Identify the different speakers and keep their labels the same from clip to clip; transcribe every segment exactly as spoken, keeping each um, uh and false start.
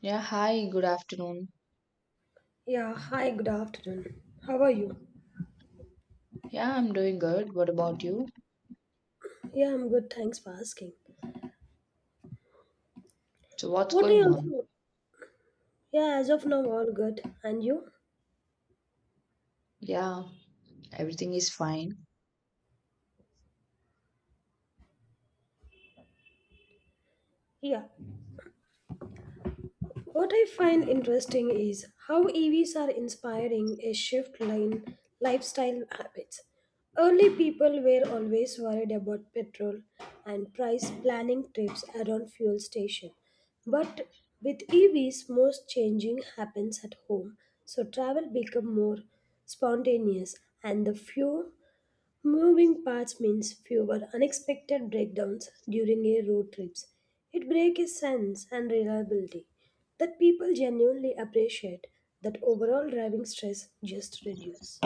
Speaker 1: Yeah, hi, good afternoon.
Speaker 2: Yeah, hi, good afternoon. How are you?
Speaker 1: Yeah, I'm doing good. What about you?
Speaker 2: Yeah, I'm good, thanks for asking.
Speaker 1: So, what's
Speaker 2: What are
Speaker 1: going
Speaker 2: you
Speaker 1: on?
Speaker 2: also? Yeah, as of now, all good. And you?
Speaker 1: Yeah, everything is fine.
Speaker 2: Yeah. What I find interesting is how E Vs are inspiring a shift in lifestyle habits. Early people were always worried about petrol and price planning trips around fuel station. But with E Vs, most changing happens at home, so travel become more spontaneous and the few moving parts means fewer unexpected breakdowns during a road trips. It breaks a sense and reliability that people genuinely appreciate that overall driving stress just reduce.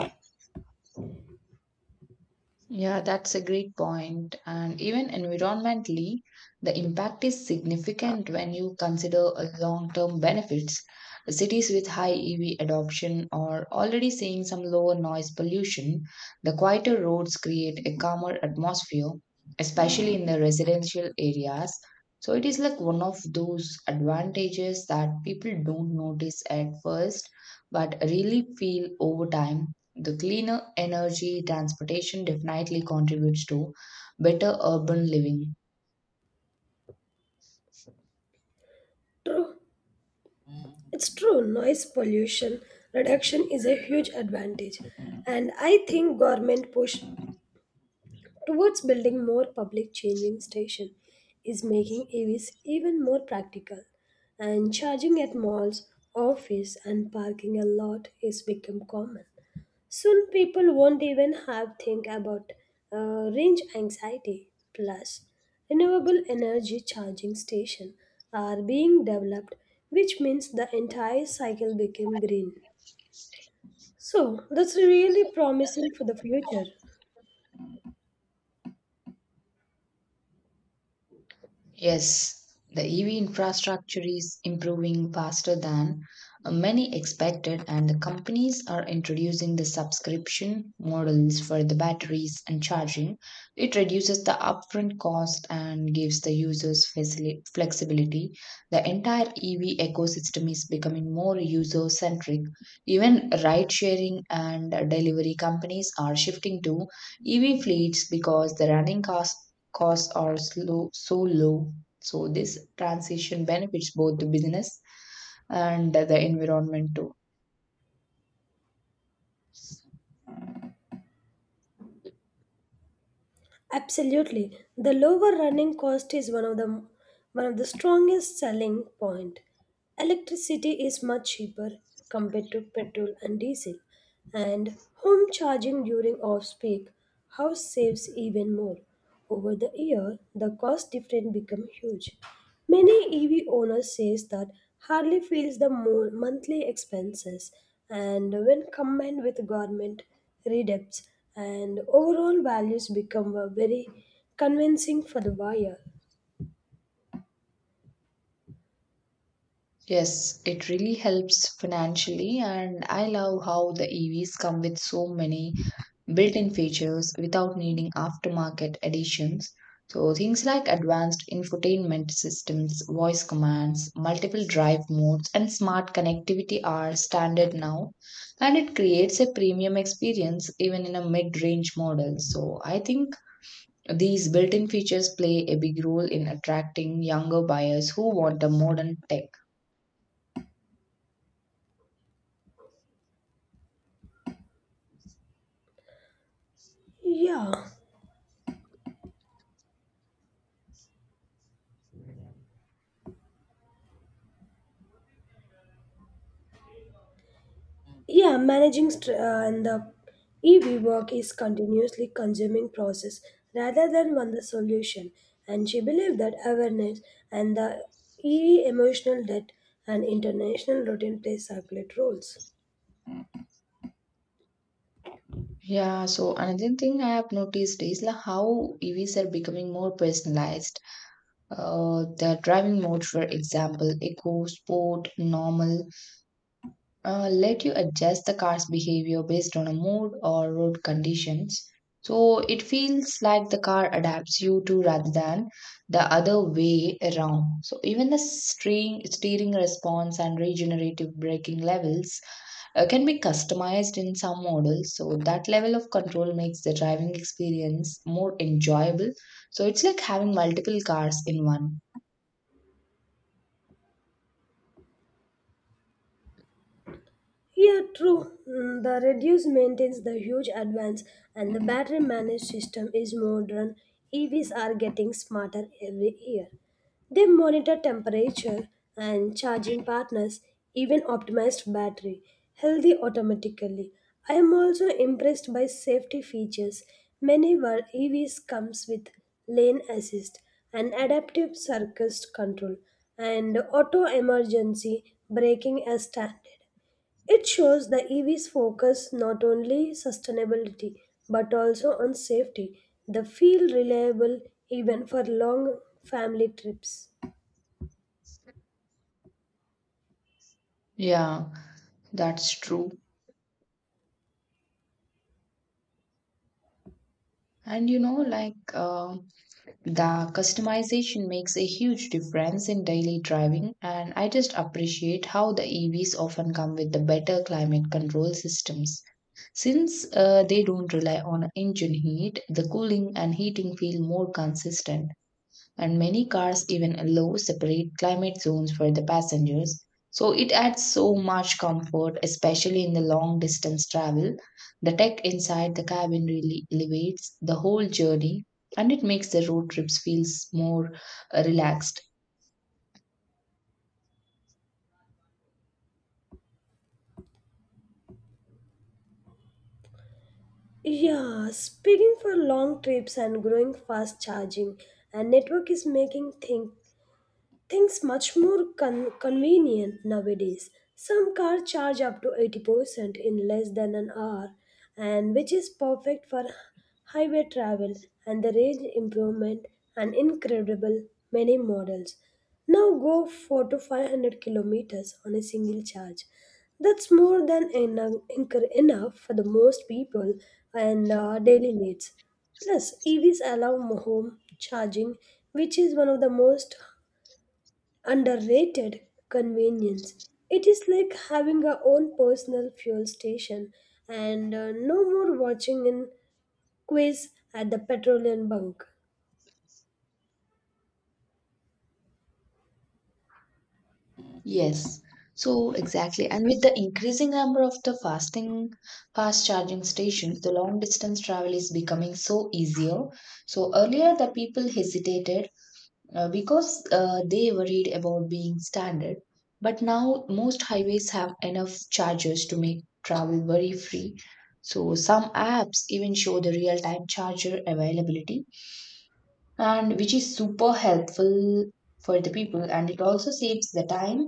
Speaker 1: Yeah, that's a great point. And even environmentally, the impact is significant when you consider long term benefits. Cities with high E V adoption are already seeing some lower noise pollution. The quieter roads create a calmer atmosphere, especially in the residential areas. So it is like one of those advantages that people don't notice at first, but really feel over time. The cleaner energy transportation definitely contributes to better urban living.
Speaker 2: True. It's true. Noise pollution reduction is a huge advantage, and I think government push towards building more public changing station is making E Vs even more practical, and charging at malls, office and parking a lot is become common. Soon people won't even have think about uh, range anxiety. Plus, renewable energy charging station are being developed, which means the entire cycle became green. So that's really promising for the future.
Speaker 1: Yes, the E V infrastructure is improving faster than uh, many expected, and the companies are introducing the subscription models for the batteries and charging. It reduces the upfront cost and gives the users facili- flexibility. The entire E V ecosystem is becoming more user centric. Even ride sharing and delivery companies are shifting to E V fleets because the running cost costs are slow, so low. So this transition benefits both the business and the environment too.
Speaker 2: Absolutely. The lower running cost is one of the one of the strongest selling point. Electricity is much cheaper compared to petrol and diesel, and home charging during off-peak house saves even more. Over the year, the cost difference become huge. Many E V owners says that hardly feels the mo- monthly expenses, and when combined with government redempts and overall values become a very convincing for the buyer.
Speaker 1: Yes, it really helps financially, and I love how the E Vs come with so many built-in features without needing aftermarket additions. So things like advanced infotainment systems, voice commands, multiple drive modes, and smart connectivity are standard now, and it creates a premium experience even in a mid-range model. So I think these built-in features play a big role in attracting younger buyers who want a modern tech.
Speaker 2: Yeah. Yeah, managing str uh, and the E V work is continuously consuming process rather than one the solution. And she believed that awareness and the E E emotional debt and international routine play circular roles.
Speaker 1: Yeah, so another thing I have noticed is like how E Vs are becoming more personalized. Uh, the driving mode, for example, eco, sport, normal, uh, let you adjust the car's behavior based on a mood or road conditions. So it feels like the car adapts you to rather than the other way around. So even the steering, steering response and regenerative braking levels uh, can be customized in some models. So that level of control makes the driving experience more enjoyable. So it's like having multiple cars in one.
Speaker 2: Yeah, true. Mm, the reduce maintains the huge advance, and the battery managed system is modern. E Vs are getting smarter every year. They monitor temperature and charging partners, even optimized battery, healthy automatically. I am also impressed by safety features. Many were E Vs comes with lane assist and adaptive circuit control and auto emergency braking as standard. It shows the E V's focus not only sustainability but also on safety. They feel reliable even for long family trips.
Speaker 1: Yeah. That's true. And you know, like uh, the customization makes a huge difference in daily driving. And I just appreciate how the E Vs often come with the better climate control systems. Since uh, they don't rely on engine heat, the cooling and heating feel more consistent. And many cars even allow separate climate zones for the passengers. So it adds so much comfort, especially in the long distance travel. The tech inside the cabin really elevates the whole journey, and it makes the road trips feels more uh, relaxed.
Speaker 2: Yeah, speaking for long trips and growing fast charging, a network is making things things much more con- convenient nowadays. Some cars charge up to eighty percent in less than an hour, and which is perfect for highway travel and the range improvement and incredible many models. Now go four to five hundred kilometers on a single charge. That's more than eno- enc- enough for the most people and uh, daily needs. Plus, E Vs allow mo- home charging, which is one of the most underrated convenience. It is like having our own personal fuel station, and uh, no more watching in quiz at the petroleum bunk.
Speaker 1: Yes. So exactly. And with the increasing number of the fasting fast charging stations, the long distance travel is becoming so easier. So earlier the people hesitated uh, because uh, they worried about being standard. But now most highways have enough chargers to make travel worry free. So some apps even show the real time charger availability, and which is super helpful for the people. And it also saves the time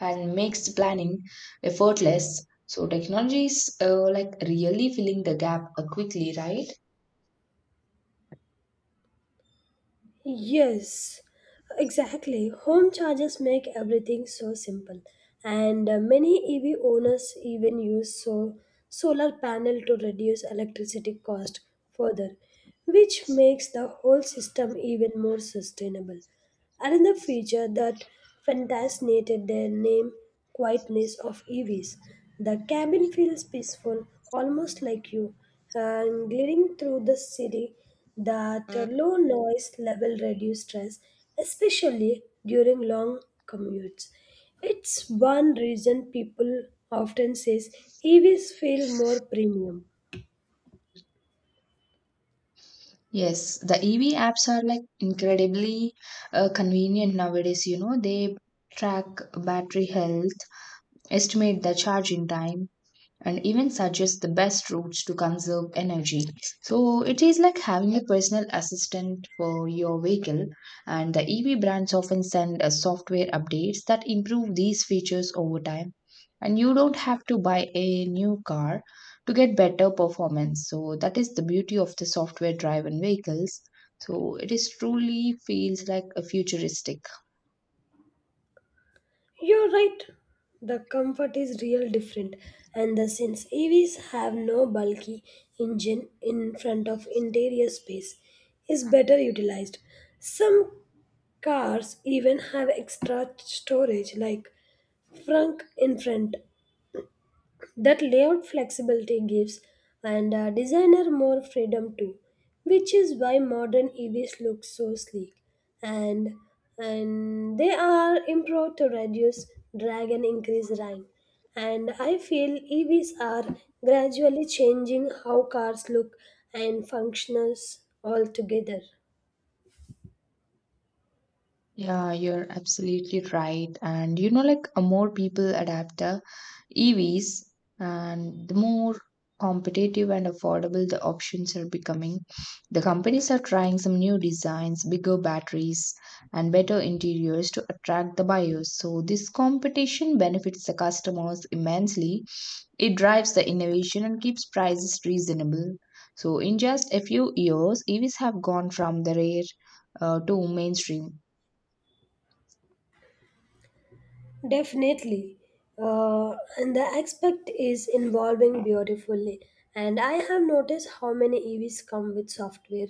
Speaker 1: and makes the planning effortless. So technology is uh, like really filling the gap uh, quickly, right?
Speaker 2: Yes, exactly. Home chargers make everything so simple, and uh, many E V owners even use so solar panel to reduce electricity cost further, which makes the whole system even more sustainable. Another feature that fascinated their name quietness of E Vs. The cabin feels peaceful, almost like you, and gliding through the city. That low noise level reduces stress, especially during long commutes. It's one reason people often says E Vs feel more premium.
Speaker 1: Yes, the E V apps are like incredibly uh, convenient nowadays, you know. They track battery health, estimate the charging time, and even suggest the best routes to conserve energy. So it is like having a personal assistant for your vehicle, and the E V brands often send us software updates that improve these features over time. And you don't have to buy a new car to get better performance. So that is the beauty of the software driven vehicles. So it is truly feels like a futuristic.
Speaker 2: You're right. The comfort is real different, and the since E Vs have no bulky engine in front of interior space, is better utilized. Some cars even have extra storage like frunk in front. That layout flexibility gives and a designer more freedom too, which is why modern evs look so sleek, and and they are improved to reduce drag and increase rank, and I feel evs are gradually changing how cars look and functions altogether.
Speaker 1: Yeah, you're absolutely right. And you know, like uh, more people adapt the E Vs, and the more competitive and affordable the options are becoming. The companies are trying some new designs, bigger batteries, and better interiors to attract the buyers. So, this competition benefits the customers immensely. It drives the innovation and keeps prices reasonable. So, in just a few years, E Vs have gone from the rare uh, to mainstream.
Speaker 2: Definitely. Uh, and the aspect is evolving beautifully. And I have noticed how many E Vs come with software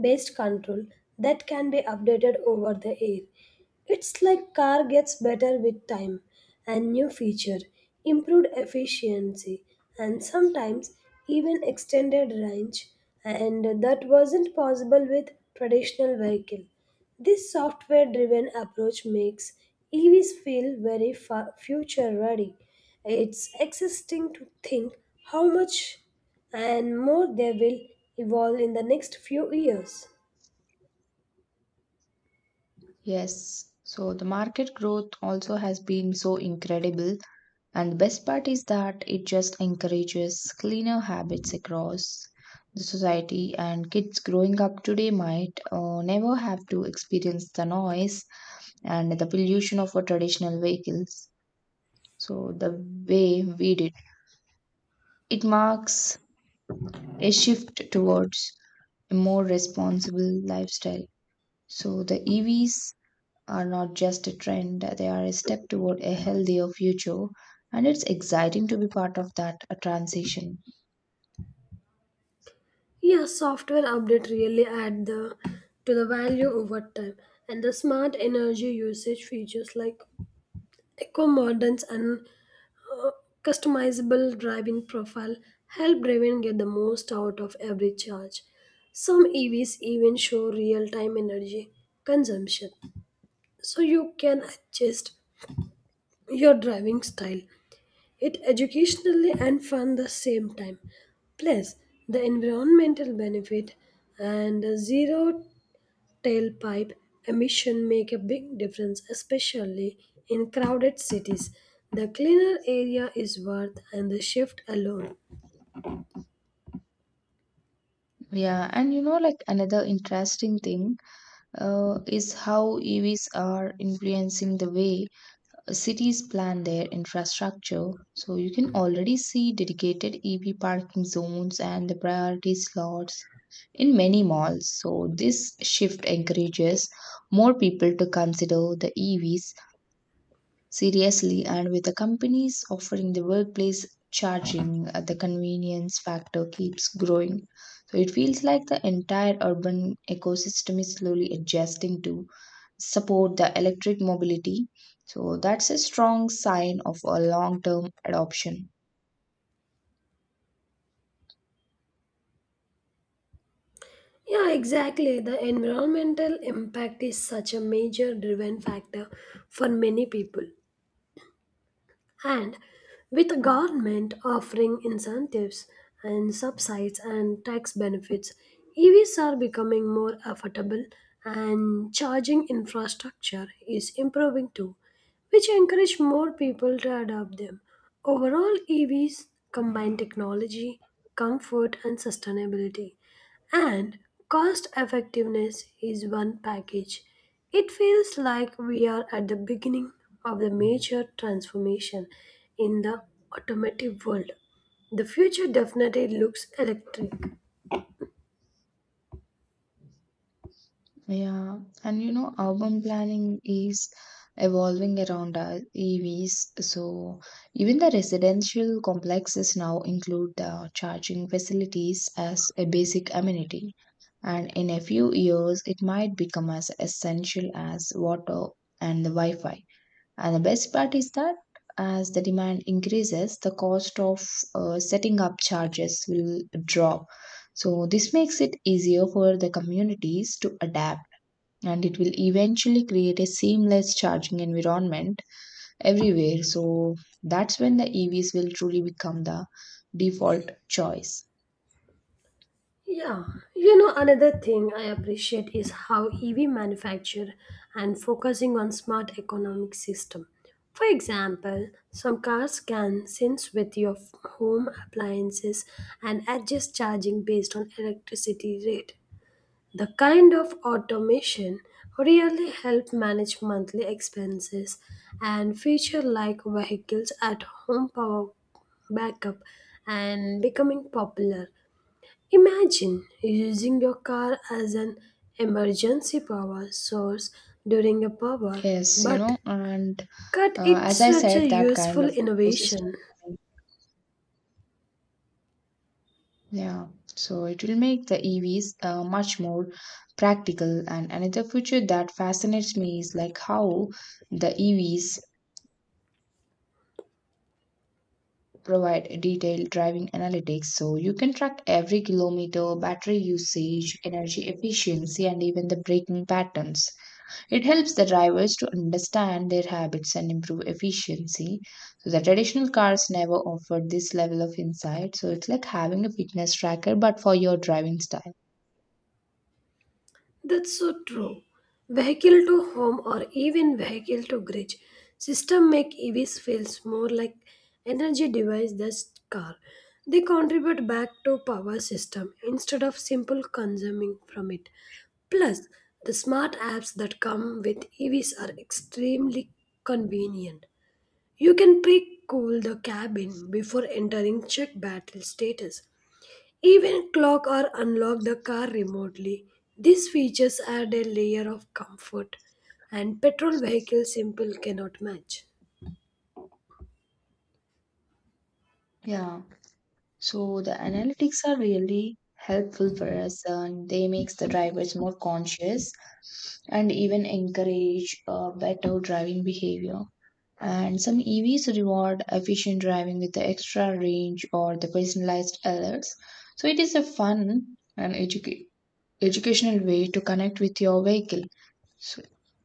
Speaker 2: based control that can be updated over the air. It's like car gets better with time and new feature, improved efficiency, and sometimes even extended range, and that wasn't possible with traditional vehicle. This software driven approach makes E Vs feel very future ready. It's exciting to think how much and more they will evolve in the next few years.
Speaker 1: Yes. So the market growth also has been so incredible. And the best part is that it just encourages cleaner habits across the society, and kids growing up today might uh, never have to experience the noise and the pollution of our traditional vehicles. So the way we did, it marks a shift towards a more responsible lifestyle. So the E Vs are not just a trend, they are a step toward a healthier future. And it's exciting to be part of that uh, transition.
Speaker 2: Yeah, software update really add the to the value over time, and the smart energy usage features like eco moderns and customizable driving profile help driven get the most out of every charge. Some E Vs even show real-time energy consumption, so you can adjust your driving style. It educationally and fun the same time. Plus, the environmental benefit and the zero tailpipe emission make a big difference, especially in crowded cities. The cleaner area is worth and the shift alone.
Speaker 1: Yeah, and you know, like another interesting thing uh, is how E Vs are influencing the way cities plan their infrastructure. So you can already see dedicated E V parking zones and the priority slots in many malls. So this shift encourages more people to consider the E Vs seriously, and with the companies offering the workplace charging, uh, the convenience factor keeps growing. So it feels like the entire urban ecosystem is slowly adjusting to support the electric mobility. So that's a strong sign of a long term adoption.
Speaker 2: Yeah, exactly. The environmental impact is such a major driven factor for many people. And with the government offering incentives and subsidies and tax benefits, E Vs are becoming more affordable and charging infrastructure is improving too, which encourage more people to adopt them. Overall, E Vs combine technology, comfort, and sustainability and cost effectiveness is one package. It feels like we are at the beginning of the major transformation in the automotive world. The future definitely looks electric.
Speaker 1: Yeah, and you know, urban planning is evolving around us, E Vs. So even the residential complexes now include the charging facilities as a basic amenity. And in a few years, it might become as essential as water and the wi fi. And the best part is that as the demand increases, the cost of uh, setting up charges will drop. So this makes it easier for the communities to adapt, and it will eventually create a seamless charging environment everywhere. So that's when the E Vs will truly become the default choice.
Speaker 2: Yeah, you know, another thing I appreciate is how E V manufacture and focusing on smart economic system. For example, some cars can sense with your f- home appliances and adjust charging based on electricity rate. The kind of automation really help manage monthly expenses, and feature like vehicles at home power backup and becoming popular. Imagine using your car as an emergency power source during a power,
Speaker 1: Yes, you
Speaker 2: but
Speaker 1: know, and
Speaker 2: cut
Speaker 1: uh, as
Speaker 2: it's
Speaker 1: I
Speaker 2: such
Speaker 1: said,
Speaker 2: a
Speaker 1: that kind
Speaker 2: useful
Speaker 1: of ecosystem.
Speaker 2: innovation.
Speaker 1: Yeah, so it will make the E Vs uh, much more practical. And another feature that fascinates me is like how the E Vs provide detailed driving analytics, so you can track every kilometer, battery usage, energy efficiency, and even the braking patterns. It helps the drivers to understand their habits and improve efficiency. So the traditional cars never offered this level of insight. So it's like having a fitness tracker but for your driving style.
Speaker 2: That's so true. Vehicle to home or even vehicle to grid system make E Vs feels more like energy device than car. They contribute back to power system instead of simple consuming from it. Plus, the smart apps that come with E Vs are extremely convenient. You can pre-cool the cabin before entering check battery status, even clock or unlock the car remotely. These features add a layer of comfort and petrol vehicles simple cannot match.
Speaker 1: Yeah. So the analytics are really helpful for us, and they makes the drivers more conscious and even encourage uh, better driving behavior. And some E Vs reward efficient driving with the extra range or the personalized alerts. So it is a fun and educa- educational way to connect with your vehicle. So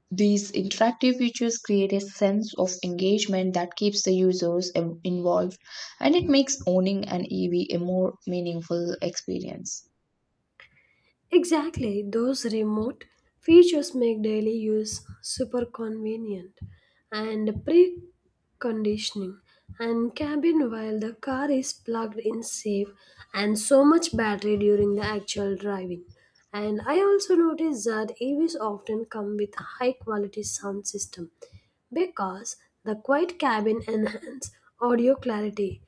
Speaker 1: these interactive features create a sense of engagement that keeps the users em- involved, and it makes owning an E V a more meaningful experience.
Speaker 2: Exactly, those remote features make daily use super convenient, and preconditioning and cabin while the car is plugged in safe and so much battery during the actual driving. And I also noticed that E Vs often come with high quality sound system because the quiet cabin enhance audio clarity.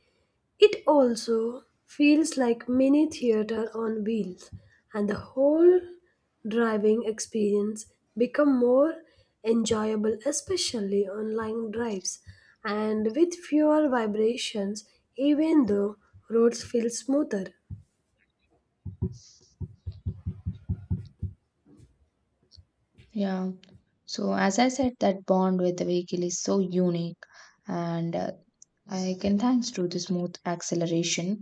Speaker 2: It also feels like mini theater on wheels, and the whole driving experience become more enjoyable, especially on long drives and with fewer vibrations even though roads feel smoother.
Speaker 1: Yeah. So as I said, that bond with the vehicle is so unique, and uh, I can thanks to the smooth acceleration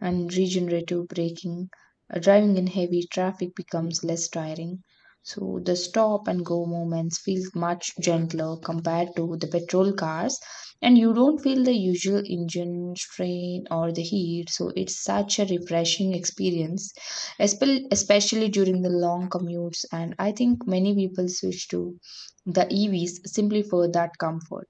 Speaker 1: and regenerative braking. Uh, driving in heavy traffic becomes less tiring. So the stop and go moments feel much gentler compared to the petrol cars, and you don't feel the usual engine strain or the heat. So it's such a refreshing experience, espe- especially during the long commutes. And I think many people switch to the E Vs simply for that comfort.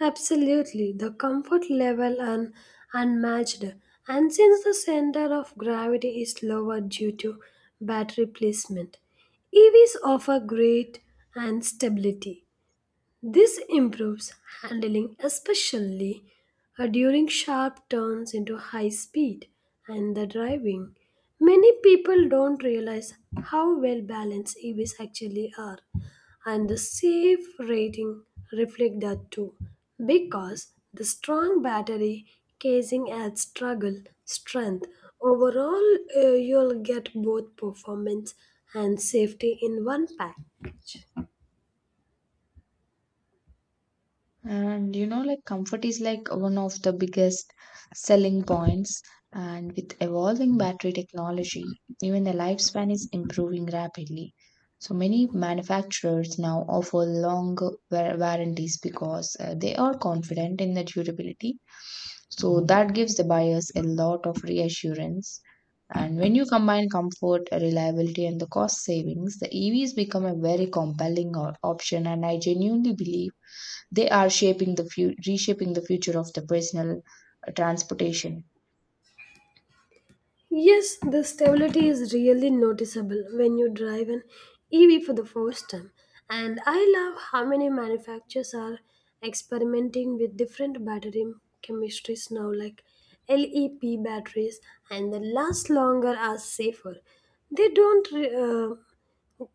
Speaker 2: Absolutely, the comfort level and unmatched. And since the center of gravity is lower due to battery placement, E Vs offer great and stability. This improves handling, especially uh, during sharp turns into high speed and the driving. Many people don't realize how well balanced E Vs actually are, and the safe rating reflect that too, because the strong battery casing adds struggle strength. Overall, uh, you'll get both performance and safety in one package.
Speaker 1: And you know, like comfort is like one of the biggest selling points. And with evolving battery technology, even the lifespan is improving rapidly. So many manufacturers now offer long wa- warranties because uh, they are confident in the durability. So that gives the buyers a lot of reassurance. And when you combine comfort, reliability, and the cost savings, the E Vs become a very compelling o- option. And I genuinely believe they are shaping the fu- reshaping the future of the personal uh, transportation.
Speaker 2: Yes, the stability is really noticeable when you drive an E V for the first time. And I love how many manufacturers are experimenting with different battery chemistries now, like L E P batteries, and they last longer are safer. They don't re- uh,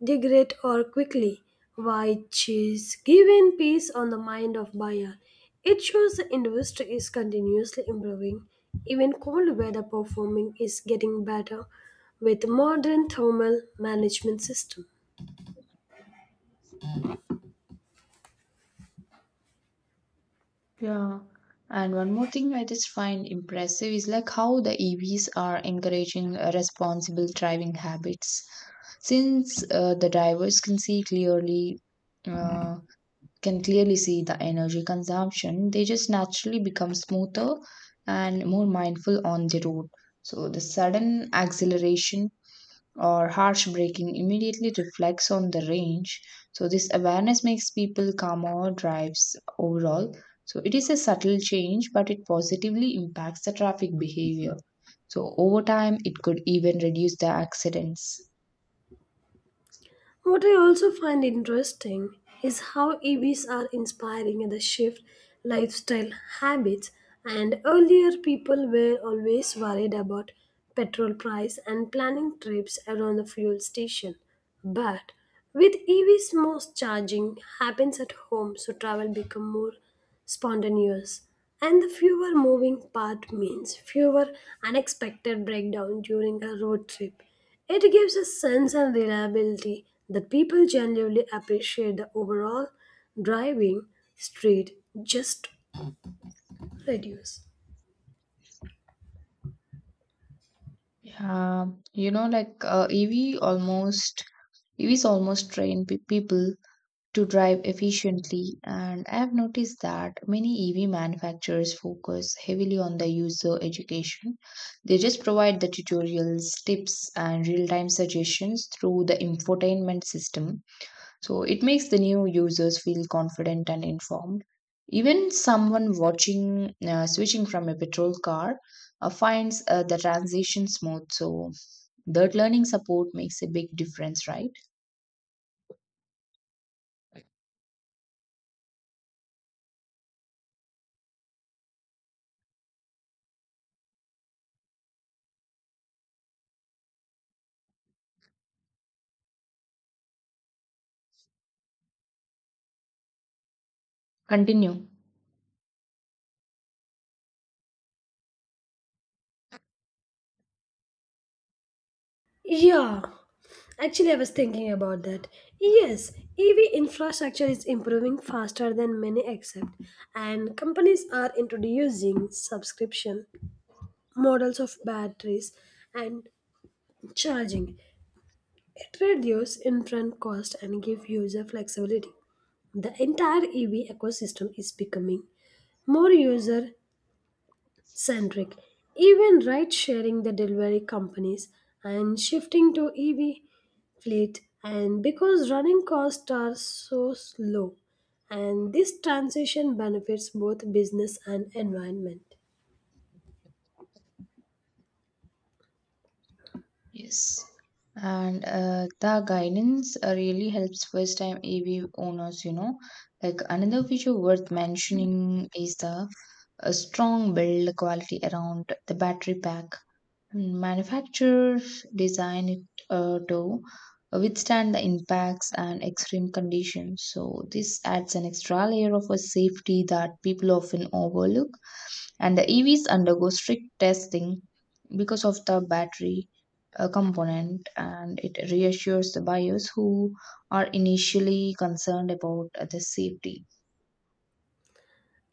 Speaker 2: degrade or quickly, which is given peace on the mind of buyer. It shows the industry is continuously improving. Even cold weather performing is getting better with modern thermal management system.
Speaker 1: Yeah. And one more thing I just find impressive is like how the E Vs are encouraging uh, responsible driving habits. Since uh, the drivers can see clearly, uh, can clearly see the energy consumption, they just naturally become smoother and more mindful on the road. So the sudden acceleration or harsh braking immediately reflects on the range. So, this awareness makes people calmer drives overall. So, it is a subtle change, but it positively impacts the traffic behavior. So, over time, it could even reduce the accidents.
Speaker 2: What I also find interesting is how E Vs are inspiring the shift lifestyle habits, and earlier people were always worried about petrol price and planning trips around the fuel station. But with E Vs most charging happens at home, so travel become more spontaneous and the fewer moving part means fewer unexpected breakdown during a road trip. It gives a sense of reliability that people genuinely appreciate the overall driving street just reduce.
Speaker 1: Yeah, you know, like uh, E V almost E Vs almost train pe- people to drive efficiently. And I have noticed that many E V manufacturers focus heavily on the user education. They just provide the tutorials, tips, and real time suggestions through the infotainment system. So it makes the new users feel confident and informed. Even someone watching uh, switching from a petrol car uh, finds uh, the transition smooth. So that learning support makes a big difference, right? Continue.
Speaker 2: Yeah, actually, I was thinking about that. Yes, E V infrastructure is improving faster than many accept, and companies are introducing subscription models of batteries and charging. It reduces upfront cost and give user flexibility. The entire E V ecosystem is becoming more user centric. Even ride sharing the delivery companies and shifting to E V fleet and because running costs are so low, and this transition benefits both business and environment.
Speaker 1: Yes. And uh, the guidance uh, really helps first time A V owners, you know. Like another feature worth mentioning is the uh, strong build quality around the battery pack. Hmm, manufacturers design it uh, to withstand the impacts and extreme conditions. So, this adds an extra layer of a safety that people often overlook, and the E Vs undergo strict testing because of the battery uh, component, and it reassures the buyers who are initially concerned about uh, the safety.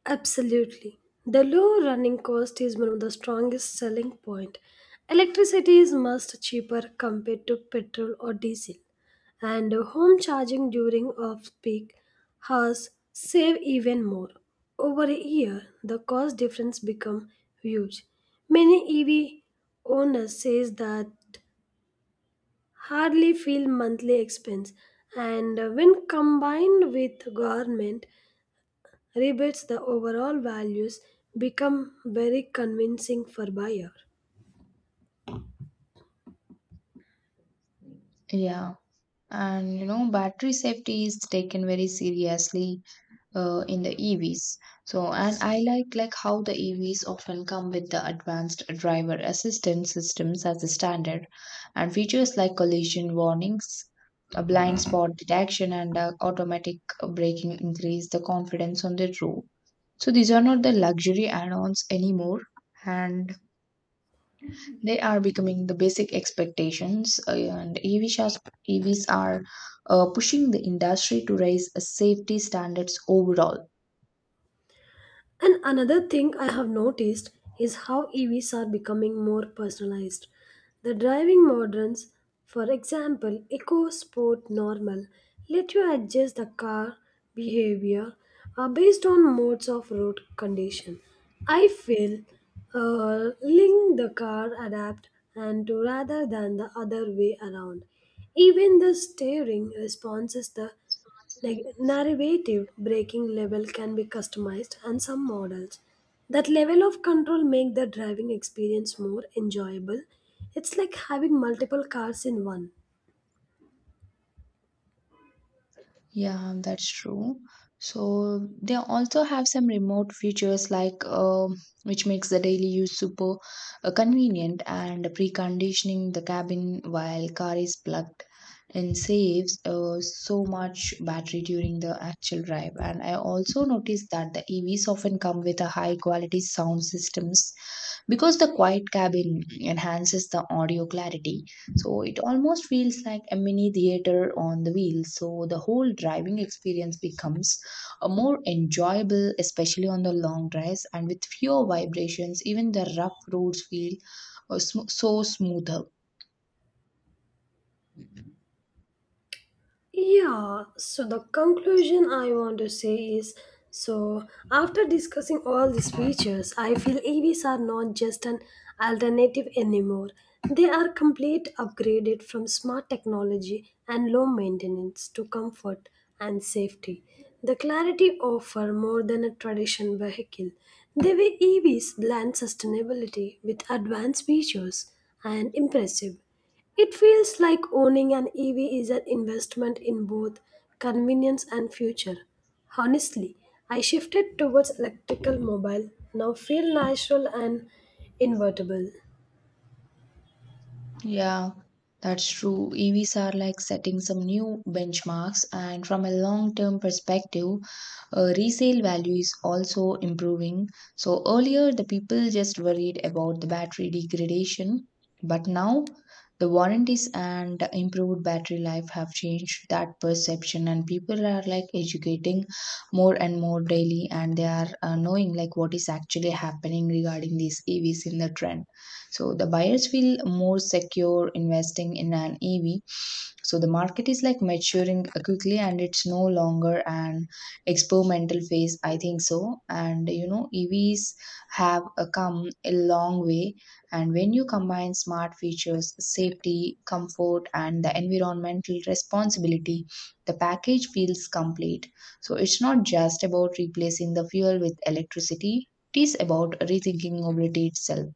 Speaker 2: Absolutely. The low running cost is one of the strongest selling point. Electricity is much cheaper compared to petrol or diesel, and home charging during off-peak hours save even more. Over a year, the cost difference become huge. Many E V owners says that hardly feel monthly expense, and when combined with government rebates the overall values become very convincing for buyer.
Speaker 1: Yeah, and you know, battery safety is taken very seriously uh, in the E Vs. So, and I like like how the E Vs often come with the advanced driver assistance systems as a standard, and features like collision warnings, a blind spot detection, and uh, automatic braking increase the confidence on the road. So these are not the luxury add-ons anymore, and they are becoming the basic expectations. uh, And E Vs are, E Vs are uh, pushing the industry to raise uh, safety standards overall.
Speaker 2: And another thing I have noticed is how E Vs are becoming more personalized. The driving moderns, for example, Eco Sport Normal, let you adjust the car behavior uh, based on modes of road condition. I feel uh, link the car adapt and to rather than the other way around. Even the steering responses the like narrative braking level can be customized and some models. That level of control make the driving experience more enjoyable. It's like having multiple cars in one.
Speaker 1: Yeah, that's true. So they also have some remote features like uh, which makes the daily use super uh, convenient, and preconditioning the cabin while car is plugged in saves uh, so much battery during the actual drive. And I also noticed that the E Vs often come with a high quality sound systems because the quiet cabin enhances the audio clarity, so it almost feels like a mini theater on the wheel. So the whole driving experience becomes a more enjoyable, especially on the long drives, and with fewer vibrations, even the rough roads feel uh, sm- so smoother.
Speaker 2: Yeah, so the conclusion I want to say is so after discussing all these features, I feel E Vs are not just an alternative anymore. They are complete upgraded from smart technology and low maintenance to comfort and safety. The clarity offer more than a traditional vehicle. The way E Vs blend sustainability with advanced features and impressive. It feels like owning an E V is an investment in both convenience and future. Honestly, I shifted towards electrical mobile, now feel natural and invertible.
Speaker 1: Yeah, that's true. E Vs are like setting some new benchmarks, and from a long term perspective, uh, resale value is also improving. So, earlier the people just worried about the battery degradation, but now the warranties and improved battery life have changed that perception, and people are like educating more and more daily, and they are uh, knowing like what is actually happening regarding these E Vs in the trend. So the buyers feel more secure investing in an E V. So the market is like maturing quickly, and it's no longer an experimental phase, I think so. And you know, E Vs have uh, come a long way, and when you combine smart features, safety, comfort, and the environmental responsibility, the package feels complete. So it's not just about replacing the fuel with electricity, it is about rethinking mobility itself.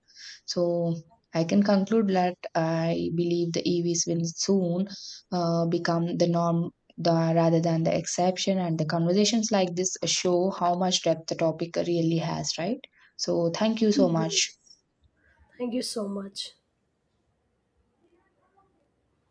Speaker 1: So I can conclude that I believe the E Vs will soon uh, become the norm, the, rather than the exception. And the conversations like this show how much depth the topic really has, right? So thank you so much.
Speaker 2: Yes. Thank you so much.